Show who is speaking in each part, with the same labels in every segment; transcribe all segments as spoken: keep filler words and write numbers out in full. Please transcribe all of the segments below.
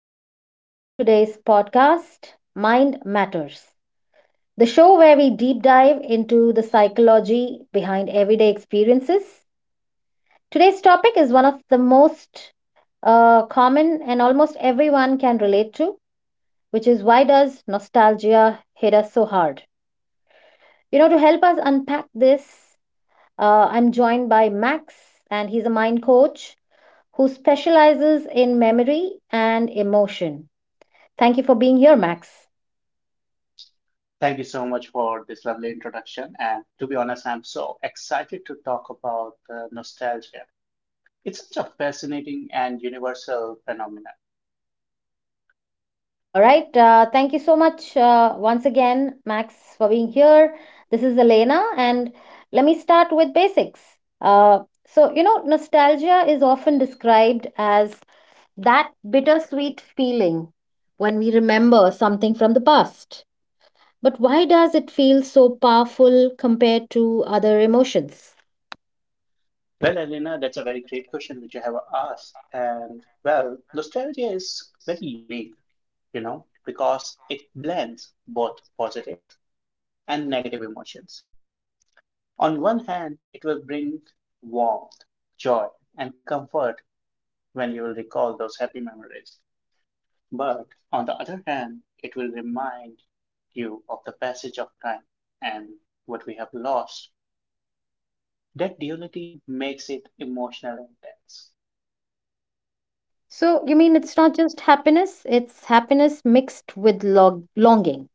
Speaker 1: listeners, to today's podcast, Mind Matters, the show where we deep dive into the psychology behind everyday experiences. Today's topic is one of the most uh, common and almost everyone can relate to, which is why does nostalgia hit us so hard? You know, to help us unpack this, uh, I'm joined by Max, and he's a mind coach who specializes in memory and emotion. Thank you for being here, Max.
Speaker 2: Thank you so much for this lovely introduction. And to be honest, I'm so excited to talk about uh, nostalgia. It's such a fascinating and universal phenomenon.
Speaker 1: All right. Uh, thank you so much uh, once again, Max, for being here. This is Elena, and let me start with basics. Uh, so, you know, nostalgia is often described as that bittersweet feeling when we remember something from the past. But why does it feel so powerful compared to other emotions?
Speaker 2: Well, Elena, that's a very great question which you have asked. And well, nostalgia is very unique, you know, because it blends both positive and negative emotions. On one hand, it will bring warmth, joy, and comfort when you will recall those happy memories. But, on the other hand, it will remind you of the passage of time and what we have lost. That duality makes it emotional and tense.
Speaker 1: So, you mean it's not just happiness, it's happiness mixed with log- longing.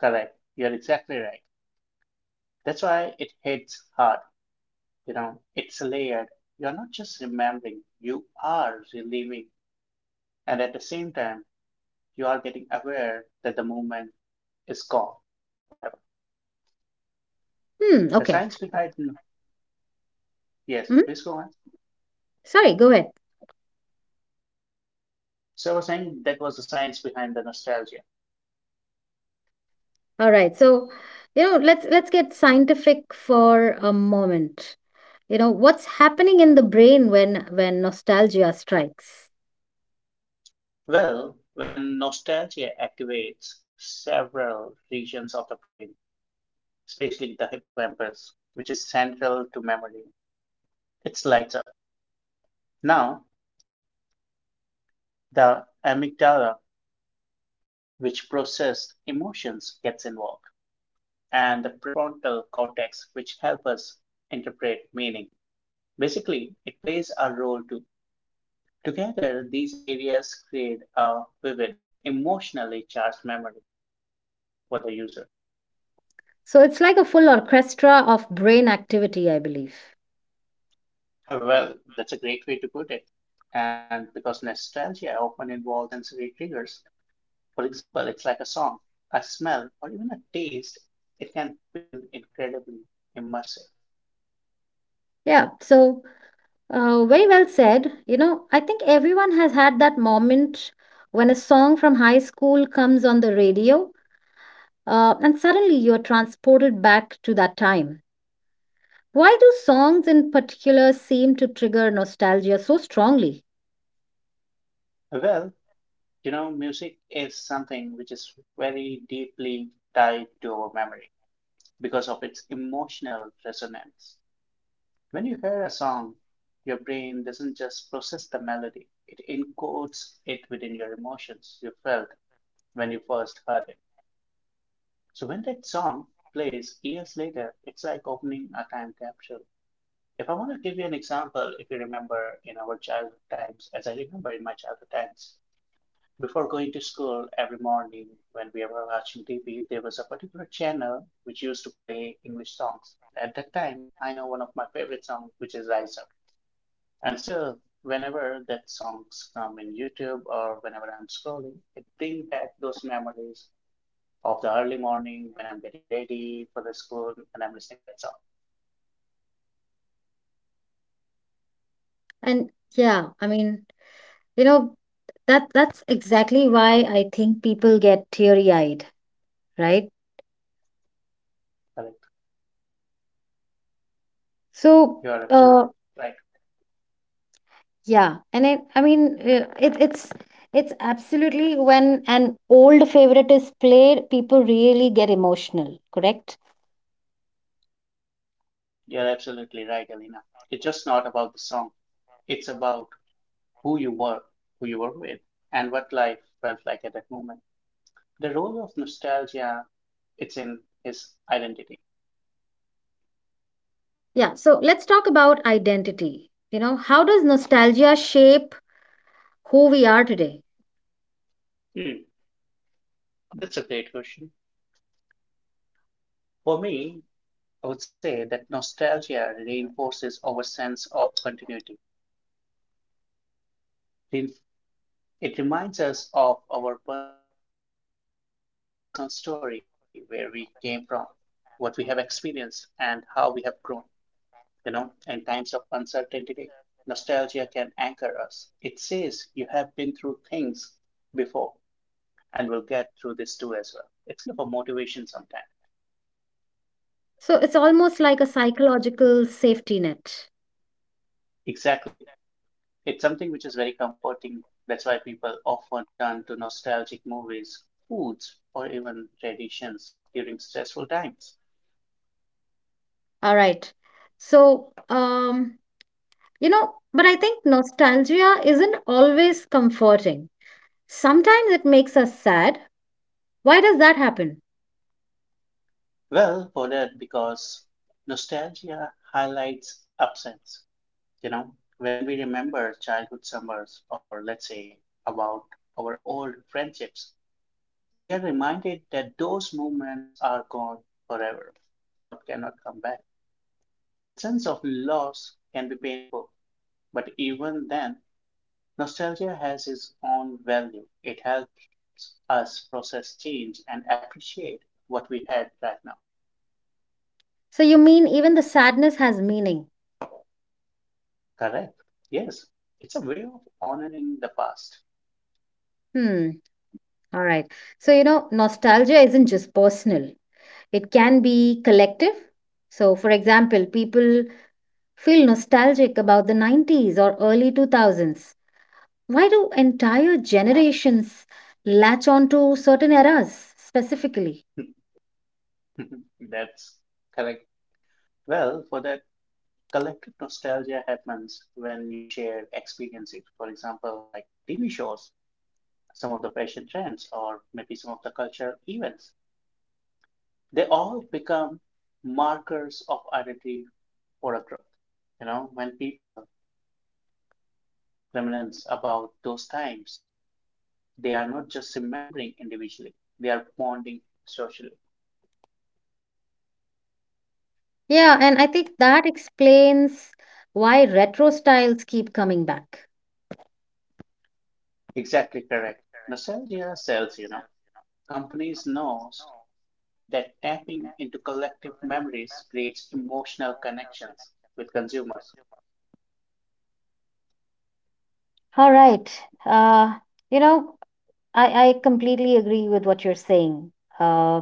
Speaker 2: Correct. You're exactly right. That's why it hits hard. You know, it's layered. You're not just remembering, you are reliving. And at the same time, you are getting aware that the moment is gone forever.
Speaker 1: Hmm,
Speaker 2: The
Speaker 1: okay.
Speaker 2: science behind, yes,
Speaker 1: hmm
Speaker 2: please go on.
Speaker 1: Sorry, go ahead.
Speaker 2: So I was saying that was the science behind the nostalgia.
Speaker 1: Alright, so, you know, let's let's get scientific for a moment. You know, what's happening in the brain when when nostalgia strikes?
Speaker 2: Well, when nostalgia activates several regions of the brain, especially the hippocampus, which is central to memory, it lights up. Now, the amygdala, which processes emotions, gets involved, and the prefrontal cortex, which helps us interpret meaning. Basically, it plays a role too. Together, these areas create a vivid, emotionally charged memory for the user.
Speaker 1: So it's like a full orchestra of brain activity, I believe.
Speaker 2: Well, that's a great way to put it. And because nostalgia often involves sensory triggers, for example, it's like a song, a smell, or even a taste, it can feel incredibly immersive.
Speaker 1: Yeah, so uh, very well said. You know, I think everyone has had that moment when a song from high school comes on the radio, uh, and suddenly you're transported back to that time. Why do songs in particular seem to trigger nostalgia so strongly?
Speaker 2: Well, you know, music is something which is very deeply tied to our memory because of its emotional resonance. When you hear a song, your brain doesn't just process the melody, it encodes it within your emotions you felt when you first heard it. So when that song plays years later, it's like opening a time capsule. If I want to give you an example, if you remember in our childhood times, as I remember in my childhood times, before going to school every morning when we were watching T V, there was a particular channel which used to play English songs. At that time, I know one of my favorite songs, which is Rise Up. And still, whenever that songs come in YouTube or whenever I'm scrolling, it brings back those memories of the early morning when I'm getting ready for the school and I'm listening that song.
Speaker 1: And yeah, I mean, you know, that that's exactly why I think people get teary-eyed, right?
Speaker 2: Correct.
Speaker 1: So, uh,
Speaker 2: You are absolutely right.
Speaker 1: yeah, and it, I mean, uh, it, it's it's absolutely when an old favorite is played, people really get emotional, correct?
Speaker 2: You're absolutely right, Alina. It's just not about the song. It's about who you were, who you were with, and what life felt like at that moment. The role of nostalgia, it's in his identity.
Speaker 1: Yeah, so let's talk about identity. You know, how does nostalgia shape who we are today?
Speaker 2: Hmm, that's a great question. For me, I would say that nostalgia reinforces our sense of continuity, rein- it reminds us of our personal story, where we came from, what we have experienced, and how we have grown. You know, in times of uncertainty, nostalgia can anchor us. It says you have been through things before and you will get through this too as well. It's kind of a motivation sometimes.
Speaker 1: So it's almost like a psychological safety net.
Speaker 2: Exactly. It's something which is very comforting. That's why people often turn to nostalgic movies, foods, or even traditions during stressful times.
Speaker 1: All right. So, um, You know, but I think nostalgia isn't always comforting. Sometimes it makes us sad. Why does that happen?
Speaker 2: Well, for that, because nostalgia highlights absence. You know, when we remember childhood summers or let's say about our old friendships, we are reminded that those moments are gone forever. Now it cannot come back. That sense of loss can be painful, but even then, nostalgia has its own value. It helps us process change and appreciate what we had right now.
Speaker 1: So you mean even the sadness has meaning?
Speaker 2: Correct. Yes. It's a way of honoring the past.
Speaker 1: Hmm. All right. So, you know, nostalgia isn't just personal, it can be collective. So, for example, people feel nostalgic about the nineties or early two thousands. Why do entire generations latch on to certain eras specifically?
Speaker 2: That's correct. Well, for that, collective nostalgia happens when you share experiences. For example, like T V shows, some of the fashion trends, or maybe some of the cultural events. They all become markers of identity for a group. You know, when people reminisce about those times, they are not just remembering individually, they are bonding socially.
Speaker 1: Yeah, and I think that explains why retro styles keep coming back.
Speaker 2: Exactly correct. Nostalgia sells, you know. Companies knows that tapping into collective memories creates emotional connections with consumers.
Speaker 1: All right. Uh, you know, I, I completely agree with what you're saying. Uh,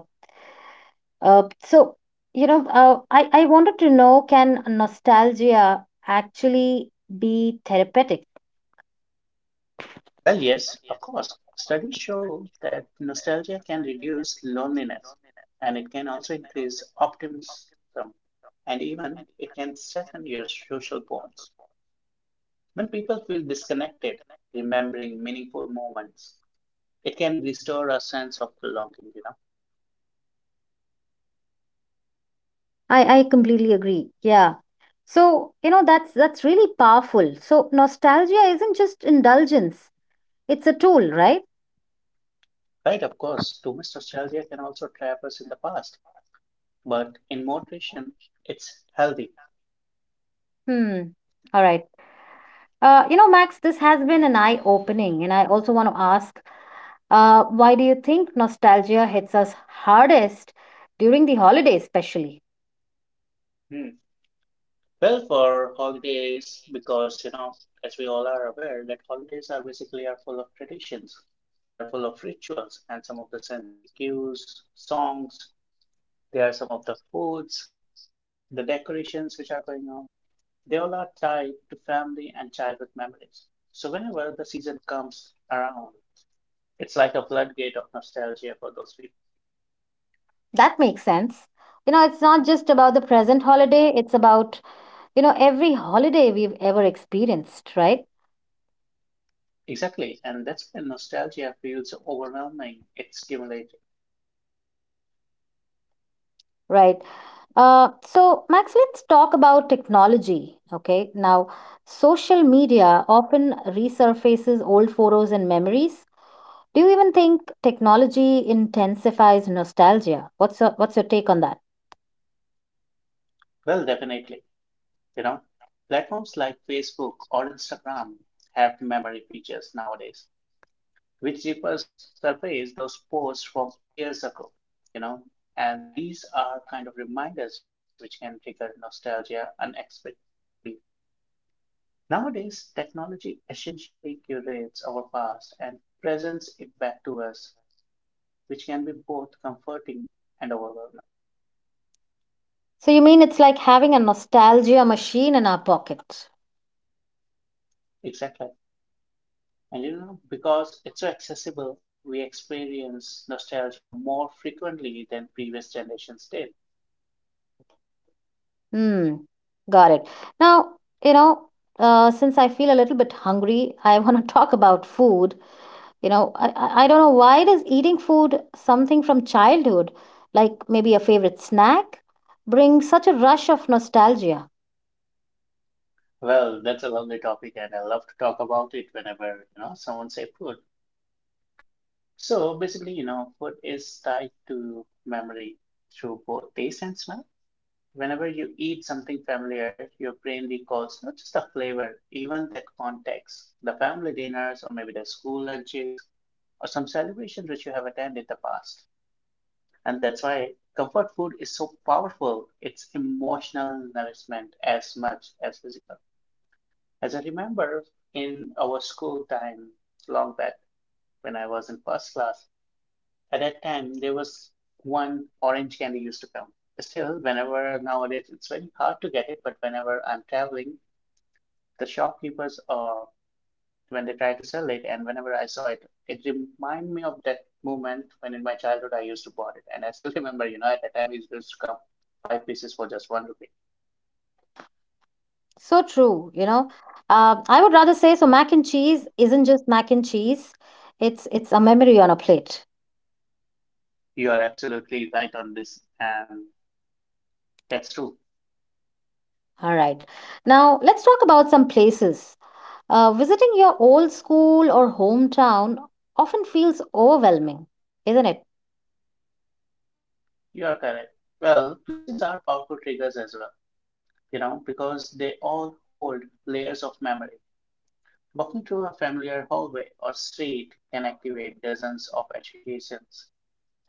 Speaker 1: uh, so, you know, uh, I, I wanted to know, can nostalgia actually be therapeutic?
Speaker 2: Well, yes, of course. Studies show that nostalgia can reduce loneliness and it can also increase optimism and even it can strengthen your social bonds. When people feel disconnected, remembering meaningful moments, it can restore a sense of belonging, you know.
Speaker 1: I, I completely agree. Yeah. So, you know, that's that's really powerful. So, nostalgia isn't just indulgence, it's a tool, right?
Speaker 2: Right, of course, too much nostalgia can also trap us in the past, but in moderation, it's healthy.
Speaker 1: Hmm. All right. Uh, you know, Max, this has been an eye-opening, and I also want to ask, uh, why do you think nostalgia hits us hardest during the holidays, especially?
Speaker 2: Hmm. Well, for holidays, because you know, as we all are aware, that holidays are basically are full of traditions. They are full of rituals and some of the sensory cues, songs. There are some of the foods, the decorations which are going on. They all are tied to family and childhood memories. So whenever the season comes around, it's like a floodgate of nostalgia for those people.
Speaker 1: That makes sense. You know, it's not just about the present holiday, it's about, you know, every holiday we've ever experienced, right?
Speaker 2: Exactly, and that's when nostalgia feels overwhelming. It's cumulative.
Speaker 1: Right. Uh, so, Max, let's talk about technology. Okay. Now, social media often resurfaces old photos and memories. Do you even think technology intensifies nostalgia? What's your, what's your take on that?
Speaker 2: Well, definitely. You know, platforms like Facebook or Instagram have memory features nowadays, which refers surface those posts from years ago. You know, and these are kind of reminders which can trigger nostalgia unexpectedly. Nowadays, technology essentially curates our past and presents it back to us, which can be both comforting and overwhelming.
Speaker 1: So you mean it's like having a nostalgia machine in our pocket?
Speaker 2: Exactly. And you know, because it's so accessible, we experience nostalgia more frequently than previous generations did.
Speaker 1: Hmm, got it. Now, you know, uh, since I feel a little bit hungry, I want to talk about food. You know, I, I I don't know, why does eating food something from childhood, like maybe a favorite snack, bring such a rush of nostalgia?
Speaker 2: Well, that's a lovely topic, and I love to talk about it whenever, you know, someone say food. So basically, you know, food is tied to memory through both taste and smell. Whenever you eat something familiar, your brain recalls not just the flavor, even that context, the family dinners, or maybe the school lunches, or some celebration which you have attended in the past. And that's why comfort food is so powerful. It's emotional nourishment as much as physical. As I remember in our school time long back when I was in first class, at that time there was one orange candy used to come. Still, whenever nowadays it's very hard to get it, but whenever I'm traveling, the shopkeepers or when they tried to sell it and whenever I saw it, it reminded me of that moment when in my childhood I used to bought it, and I still remember, you know, at that time it used to come five pieces for just one rupee.
Speaker 1: So true, you know. Uh, I would rather say so mac and cheese isn't just mac and cheese. It's it's a memory on a plate.
Speaker 2: You are absolutely right on this, and that's true.
Speaker 1: All right. Now let's talk about some places. Uh, visiting your old school or hometown often feels overwhelming, isn't it?
Speaker 2: You are correct. Well, places are powerful triggers as well, you know, because they all hold layers of memory. Walking through a familiar hallway or street can activate dozens of associations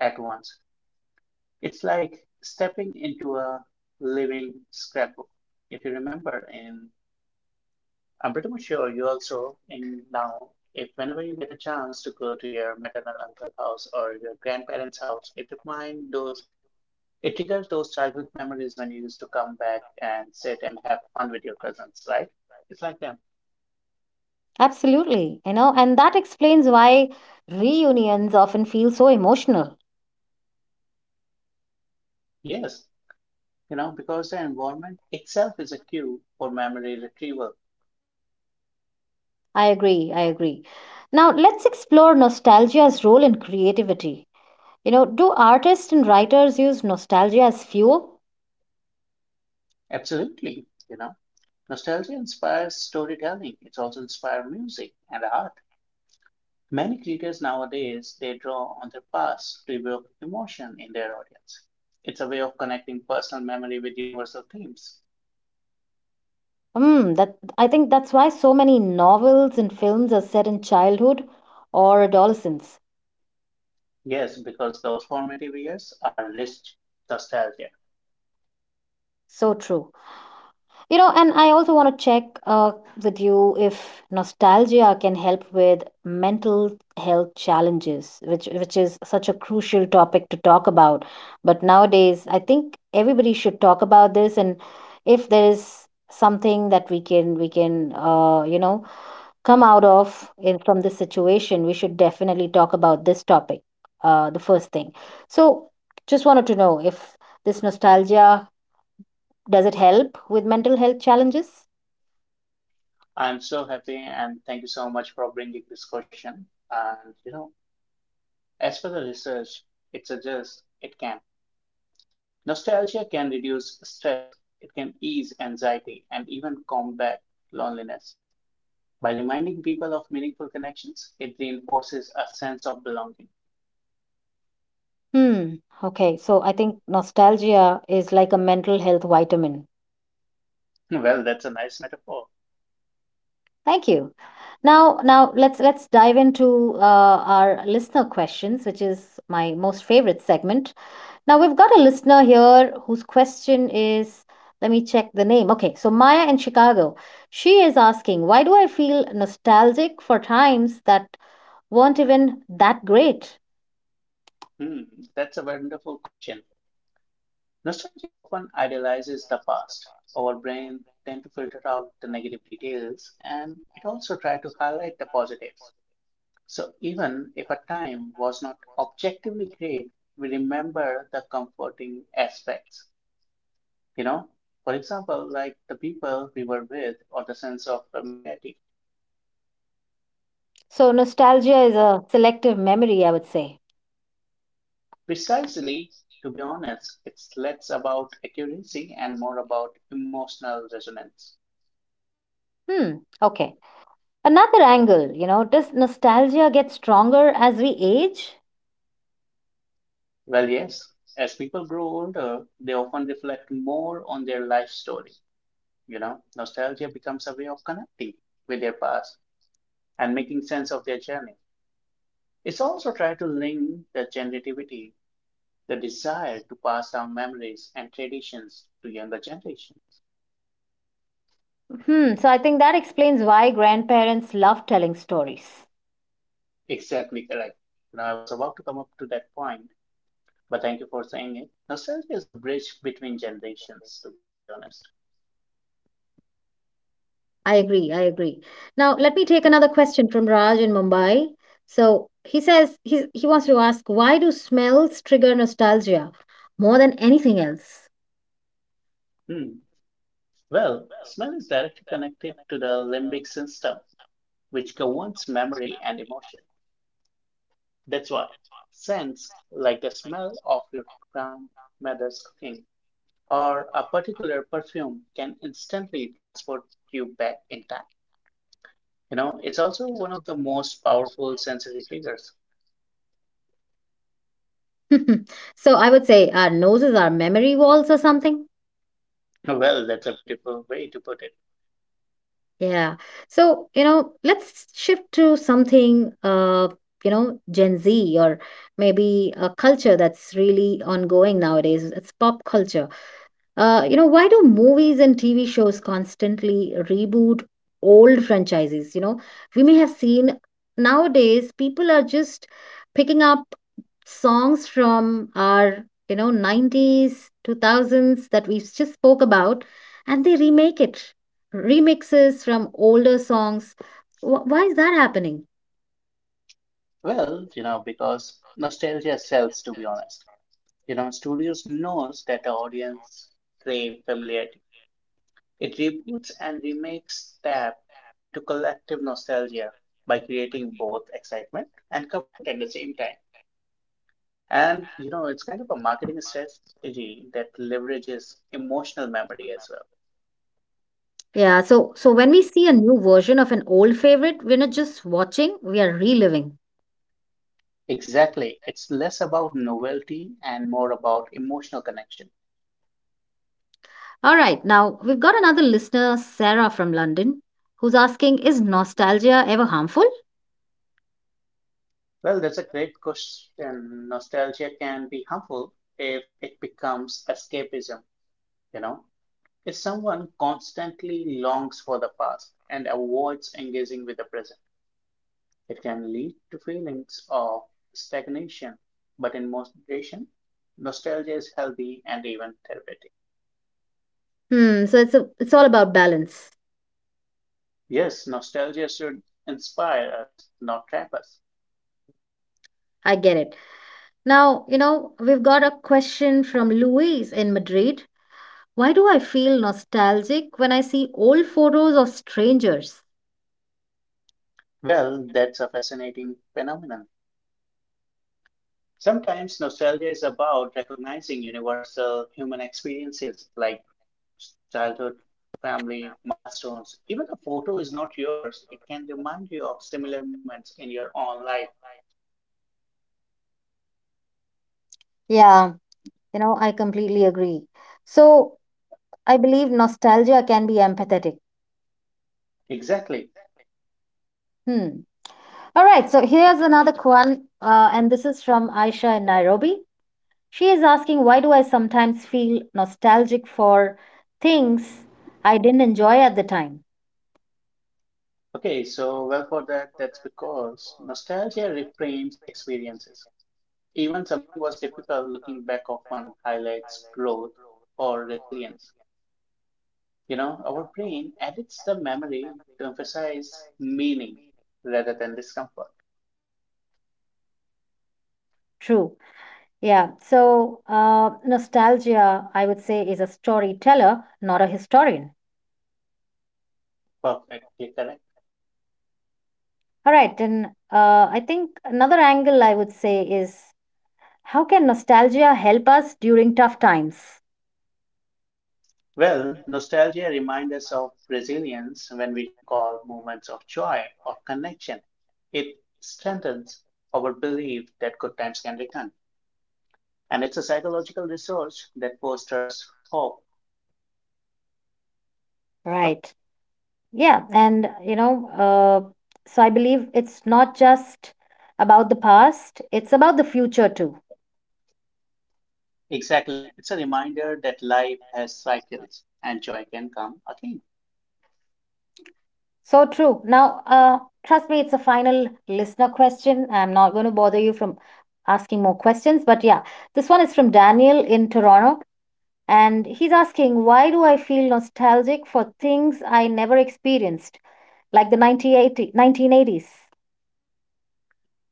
Speaker 2: at once. It's like stepping into a living scrapbook. If you remember, and I'm pretty much sure you also in now, if whenever you get a chance to go to your maternal uncle house or your grandparents' house, it remind those it triggers those childhood memories when you used to come back and sit and have fun with your cousins, right? It's like them.
Speaker 1: Absolutely, you know, and that explains why reunions often feel so emotional.
Speaker 2: Yes, you know, because the environment itself is a cue for memory retrieval.
Speaker 1: I agree, I agree. Now let's explore nostalgia's role in creativity. You know, do artists and writers use nostalgia as fuel?
Speaker 2: Absolutely, you know. Nostalgia inspires storytelling, it also inspires music and art. Many creators nowadays they draw on their past to evoke emotion in their audience. It's a way of connecting personal memory with universal themes.
Speaker 1: Mm, that I think that's why so many novels and films are set in childhood or adolescence.
Speaker 2: Yes, because those formative years are rich nostalgia.
Speaker 1: So true. You know, and I also want to check uh, with you if nostalgia can help with mental health challenges, which which is such a crucial topic to talk about. But nowadays, I think everybody should talk about this, and if there is something that we can we can uh, you know, come out of in, from this situation, we should definitely talk about this topic. Uh, the first thing. So, just wanted to know if this nostalgia, does it help with mental health challenges?
Speaker 2: I'm so happy and thank you so much for bringing this question. And you know, as for the research it suggests, it can. Nostalgia can reduce stress, it can ease anxiety, and even combat loneliness. By reminding people of meaningful connections, it reinforces a sense of belonging.
Speaker 1: Hmm. Okay. So I think nostalgia is like a mental health vitamin.
Speaker 2: Well, that's a nice metaphor.
Speaker 1: Thank you. Now, now let's let's dive into uh, our listener questions, which is my most favorite segment. Now we've got a listener here whose question is, let me check the name. Okay, so Maya in Chicago. She is asking, why do I feel nostalgic for times that weren't even that great?
Speaker 2: Hmm, that's a wonderful question. Nostalgia often idealizes the past. Our brain tend to filter out the negative details and it also tries to highlight the positives. So even if a time was not objectively great, we remember the comforting aspects, you know. For example, like the people we were with or the sense of familiarity.
Speaker 1: So nostalgia is a selective memory, I would say.
Speaker 2: Precisely, to be honest, it's less about accuracy and more about emotional resonance.
Speaker 1: Hmm, okay. Another angle, you know, does nostalgia get stronger as we age?
Speaker 2: Well, yes, as people grow older, they often reflect more on their life story. You know, nostalgia becomes a way of connecting with their past and making sense of their journey. It's also tried to link the generativity, the desire to pass down memories and traditions to younger generations.
Speaker 1: Hmm, so I think that explains why grandparents love telling stories.
Speaker 2: Exactly correct. Now, I was about to come up to that point, but thank you for saying it. Nostalgia is a bridge between generations, to be honest.
Speaker 1: I agree. I agree. Now, let me take another question from Raj in Mumbai. So he says he, he wants to ask, why do smells trigger nostalgia more than anything else?
Speaker 2: Hmm. Well, smell is directly connected to the limbic system, which governs memory and emotion. That's why scents, like the smell of your grandmother's cooking, or a particular perfume can instantly transport you back in time. You know, it's also one of the most powerful sensory triggers.
Speaker 1: So I would say our noses are memory walls or something.
Speaker 2: Well, that's a beautiful way to put it.
Speaker 1: Yeah. So, you know, let's shift to something, uh, you know, Gen Z, or maybe a culture that's really ongoing nowadays. It's pop culture. Uh, you know, why do movies and T V shows constantly reboot old franchises? You know, we may have seen nowadays people are just picking up songs from our, you know, nineties, two thousands that we just spoke about, and they remake it. Remixes from older songs. Wh- Why is that happening?
Speaker 2: Well, you know, because nostalgia sells, to be honest. You know, studios knows that the audience crave familiarity. It reboots and remakes tap into collective nostalgia by creating both excitement and comfort at the same time. And you know, it's kind of a marketing strategy that leverages emotional memory as well.
Speaker 1: Yeah, so so when we see a new version of an old favorite, we're not just watching, we are reliving.
Speaker 2: Exactly. It's less about novelty and more about emotional connection.
Speaker 1: All right, now we've got another listener, Sarah from London, who's asking, is nostalgia ever harmful?
Speaker 2: Well, that's a great question. Nostalgia can be harmful if it becomes escapism, you know. If someone constantly longs for the past and avoids engaging with the present, it can lead to feelings of stagnation. But in moderation, nostalgia is healthy and even therapeutic.
Speaker 1: Hmm, so it's, a, it's all about balance.
Speaker 2: Yes, nostalgia should inspire us, not trap us.
Speaker 1: I get it. Now, you know, we've got a question from Louise in Madrid. Why do I feel nostalgic when I see old photos of strangers?
Speaker 2: Well, that's a fascinating phenomenon. Sometimes nostalgia is about recognizing universal human experiences like childhood, family, milestones. Even a photo is not yours, it can remind you of similar moments in your own life.
Speaker 1: Yeah, you know, I completely agree. So I believe nostalgia can be empathetic.
Speaker 2: Exactly.
Speaker 1: Hmm. All right, so here's another one, uh, and this is from Aisha in Nairobi. She is asking, why do I sometimes feel nostalgic for things I didn't enjoy at the time.
Speaker 2: Okay, so well for that, that's because nostalgia reframes experiences. Even something was difficult, looking back often highlights growth or resilience. You know, our brain edits the memory to emphasize meaning rather than discomfort.
Speaker 1: True. Yeah. So, uh, nostalgia, I would say, is a storyteller, not a historian.
Speaker 2: Perfectly correct.
Speaker 1: All right. And uh, I think another angle I would say is, how can nostalgia help us during tough times?
Speaker 2: Well, nostalgia reminds us of resilience when we recall moments of joy or connection. It strengthens our belief that good times can return. And it's a psychological resource that fosters hope.
Speaker 1: Right. Yeah. And, you know, uh, so I believe it's not just about the past, it's about the future too.
Speaker 2: Exactly. It's a reminder that life has cycles and joy can come again.
Speaker 1: So true. Now, uh, trust me, it's a final listener question. I'm not going to bother you from asking more questions. But yeah, this one is from Daniel in Toronto. And he's asking, why do I feel nostalgic for things I never experienced, like the nineteen eighty,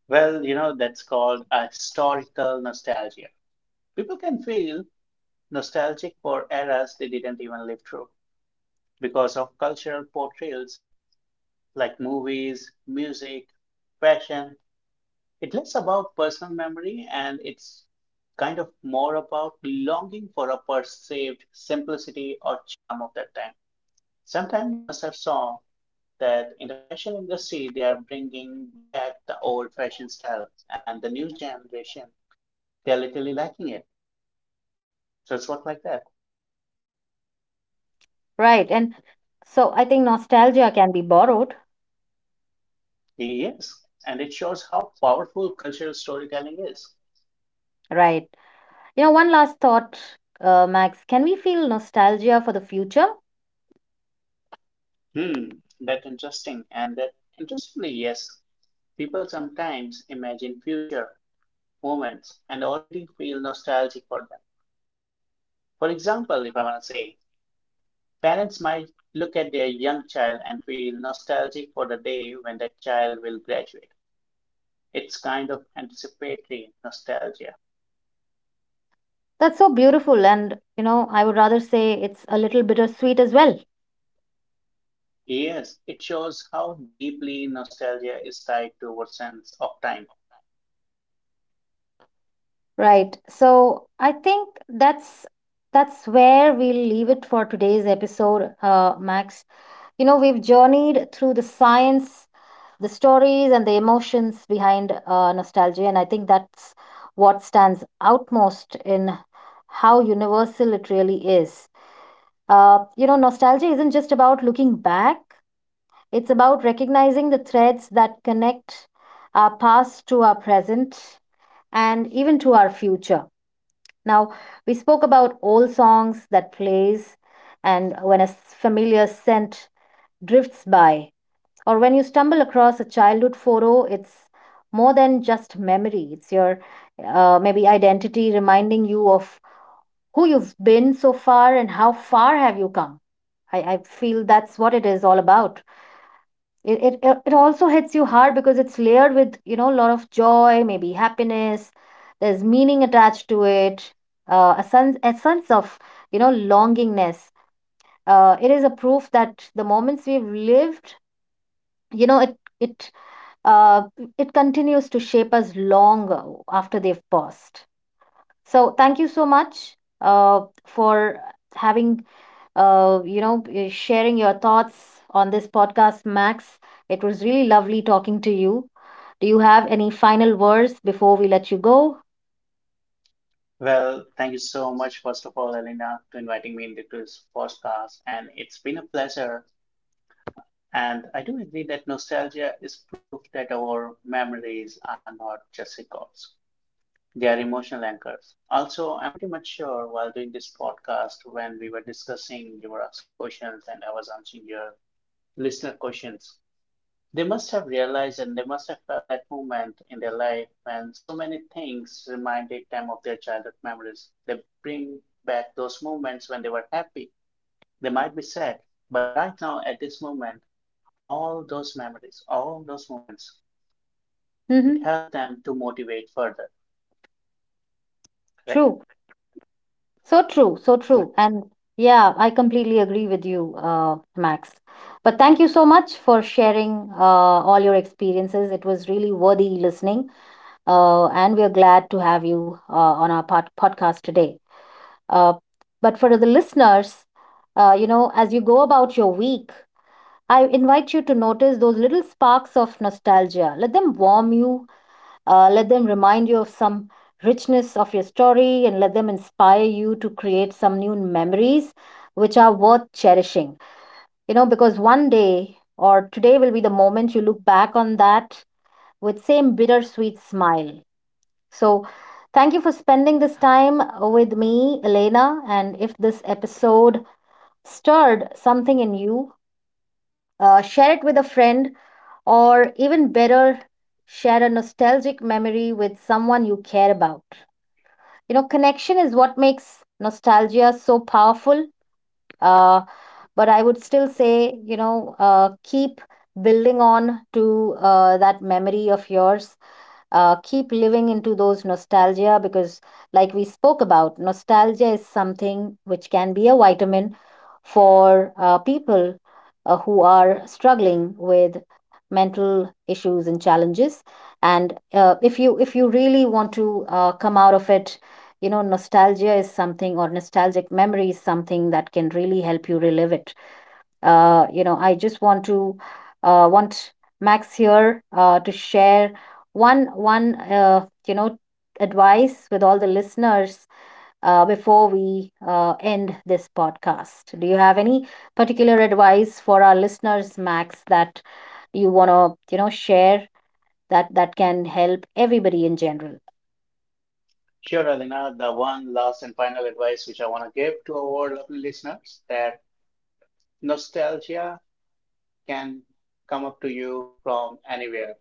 Speaker 2: Well, you know, that's called a historical nostalgia. People can feel nostalgic for eras they didn't even live through because of cultural portrayals like movies, music, fashion. It's less about personal memory and it's kind of more about longing for a perceived simplicity or charm of that time. Sometime you must have saw that in the fashion industry, they are bringing back the old fashion style and the new generation, they're literally lacking it. So it's work like that.
Speaker 1: right. And so I think nostalgia can be borrowed.
Speaker 2: Yes, and it shows how powerful cultural storytelling is.
Speaker 1: Right. You know, one last thought, uh, Max. Can we feel nostalgia for the future?
Speaker 2: Hmm, that's interesting. And that interestingly, yes, people sometimes imagine future moments and already feel nostalgic for them. For example, if I want to say, parents might look at their young child and feel nostalgic for the day when that child will graduate. It's kind of anticipatory nostalgia.
Speaker 1: That's so beautiful. And, you know, I would rather say it's a little bittersweet as well.
Speaker 2: Yes, it shows how deeply nostalgia is tied to our sense of time.
Speaker 1: Right. So I think that's that's where we'll leave it for today's episode, uh, Max. You know, we've journeyed through the science, the stories, and the emotions behind uh, nostalgia, and I think that's what stands out most in how universal it really is. Uh, you know, nostalgia isn't just about looking back, it's about recognizing the threads that connect our past to our present and even to our future. Now, we spoke about old songs that plays and when a s- familiar scent drifts by or when you stumble across a childhood photo, it's more than just memory. It's your uh, maybe identity reminding you of who you've been so far and how far have you come. I, I feel that's what it is all about. It it it it also hits you hard because it's layered with, you know, a lot of joy, maybe happiness. There's meaning attached to it, uh, a sense a sense of, you know, longingness. Uh, it is a proof that the moments we've lived, you know, it it uh, it continues to shape us long after they've passed. So thank you so much uh, for having, uh, you know, uh, sharing your thoughts on this podcast, Max. It was really lovely talking to you. Do you have any final words before we let you go?
Speaker 2: Well, thank you so much, first of all, Elena, to inviting me into this podcast. And it's been a pleasure. And I do agree that nostalgia is proof that our memories are not just records, they are emotional anchors. Also, I'm pretty much sure while doing this podcast, when we were discussing, you were asking questions and I was answering your listener questions. They must have realized and they must have felt that moment in their life when so many things reminded them of their childhood memories. They bring back those moments when they were happy. They might be sad, but right now at this moment, all those memories, all those moments, it
Speaker 1: Mm-hmm.
Speaker 2: helped them to motivate further, correct?
Speaker 1: True. So true. So
Speaker 2: So,
Speaker 1: true. And yeah, I completely agree with you, uh, Max. But thank you so much for sharing uh, all your experiences. It was really worthy listening. Uh, and we are glad to have you uh, on our pod- podcast today. Uh, but for the listeners, uh, you know, as you go about your week, I invite you to notice those little sparks of nostalgia. Let them warm you, uh, let them remind you of some richness of your story, and let them inspire you to create some new memories which are worth cherishing. You know, because one day or today will be the moment you look back on that with same bittersweet smile. So, thank you for spending this time with me, Elena. And if this episode stirred something in you, uh, share it with a friend, or even better, share a nostalgic memory with someone you care about. You know, connection is what makes nostalgia so powerful. Uh, but I would still say, you know, uh, keep building on to uh, that memory of yours, uh, keep living into those nostalgia because, like we spoke about, nostalgia is something which can be a vitamin for uh, people uh, who are struggling with mental issues and challenges. And uh, if you if you really want to uh, come out of it, you know, nostalgia is something, or nostalgic memory is something that can really help you relive it. Uh, you know, I just want to uh, want Max here uh, to share one one uh, you know advice with all the listeners uh, before we uh, end this podcast. Do you have any particular advice for our listeners, Max, that you want to, you know, share that that can help everybody in general?
Speaker 2: sure, Alina, the one last and final advice which I want to give to our lovely listeners that nostalgia can come up to you from anywhere.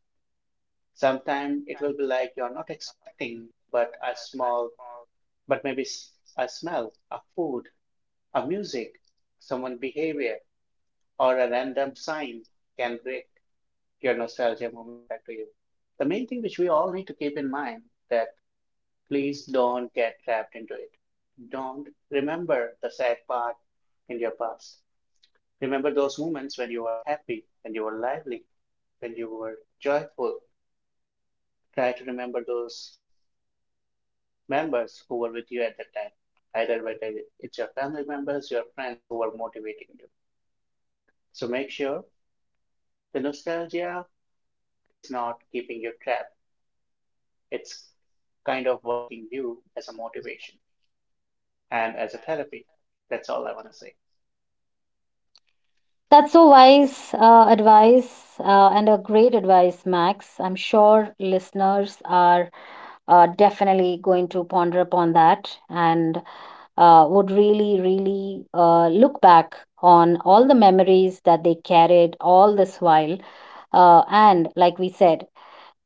Speaker 2: Sometimes it will be like you're not expecting, but a small, but maybe s- a smell, a food, a music, someone behavior, or a random sign can break your nostalgia moment back to you. The main thing which we all need to keep in mind that please don't get trapped into it. Don't remember the sad part in your past. Remember those moments when you were happy, when you were lively, when you were joyful. Try to remember those members who were with you at that time, either whether it's your family members, your friends who were motivating you. So make sure the nostalgia is not keeping you trapped. It's kind of working you as a motivation and as a therapy. That's all I want to say.
Speaker 1: That's so wise uh, advice uh, and a great advice, Max. I'm sure listeners are uh, definitely going to ponder upon that and uh, would really, really uh, look back on all the memories that they carried all this while, uh, and like we said,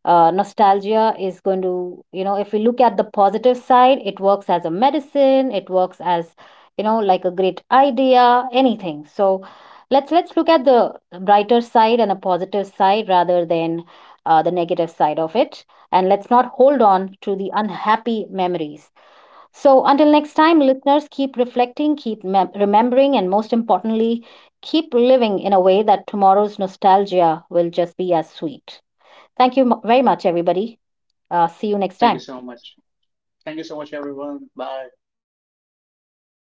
Speaker 1: uh, nostalgia is going to, you know, if we look at the positive side, it works as a medicine, it works as, you know, like a great idea, anything. So let's let's look at the brighter side and a positive side rather than uh, the negative side of it. And let's not hold on to the unhappy memories. So until next time, listeners, keep reflecting, keep mem- remembering, and most importantly, keep living in a way that tomorrow's nostalgia will just be as sweet. Thank you mu- very much, everybody. Uh, see you next
Speaker 2: Thank you
Speaker 1: time.
Speaker 2: so much. Thank you so much, everyone. Bye.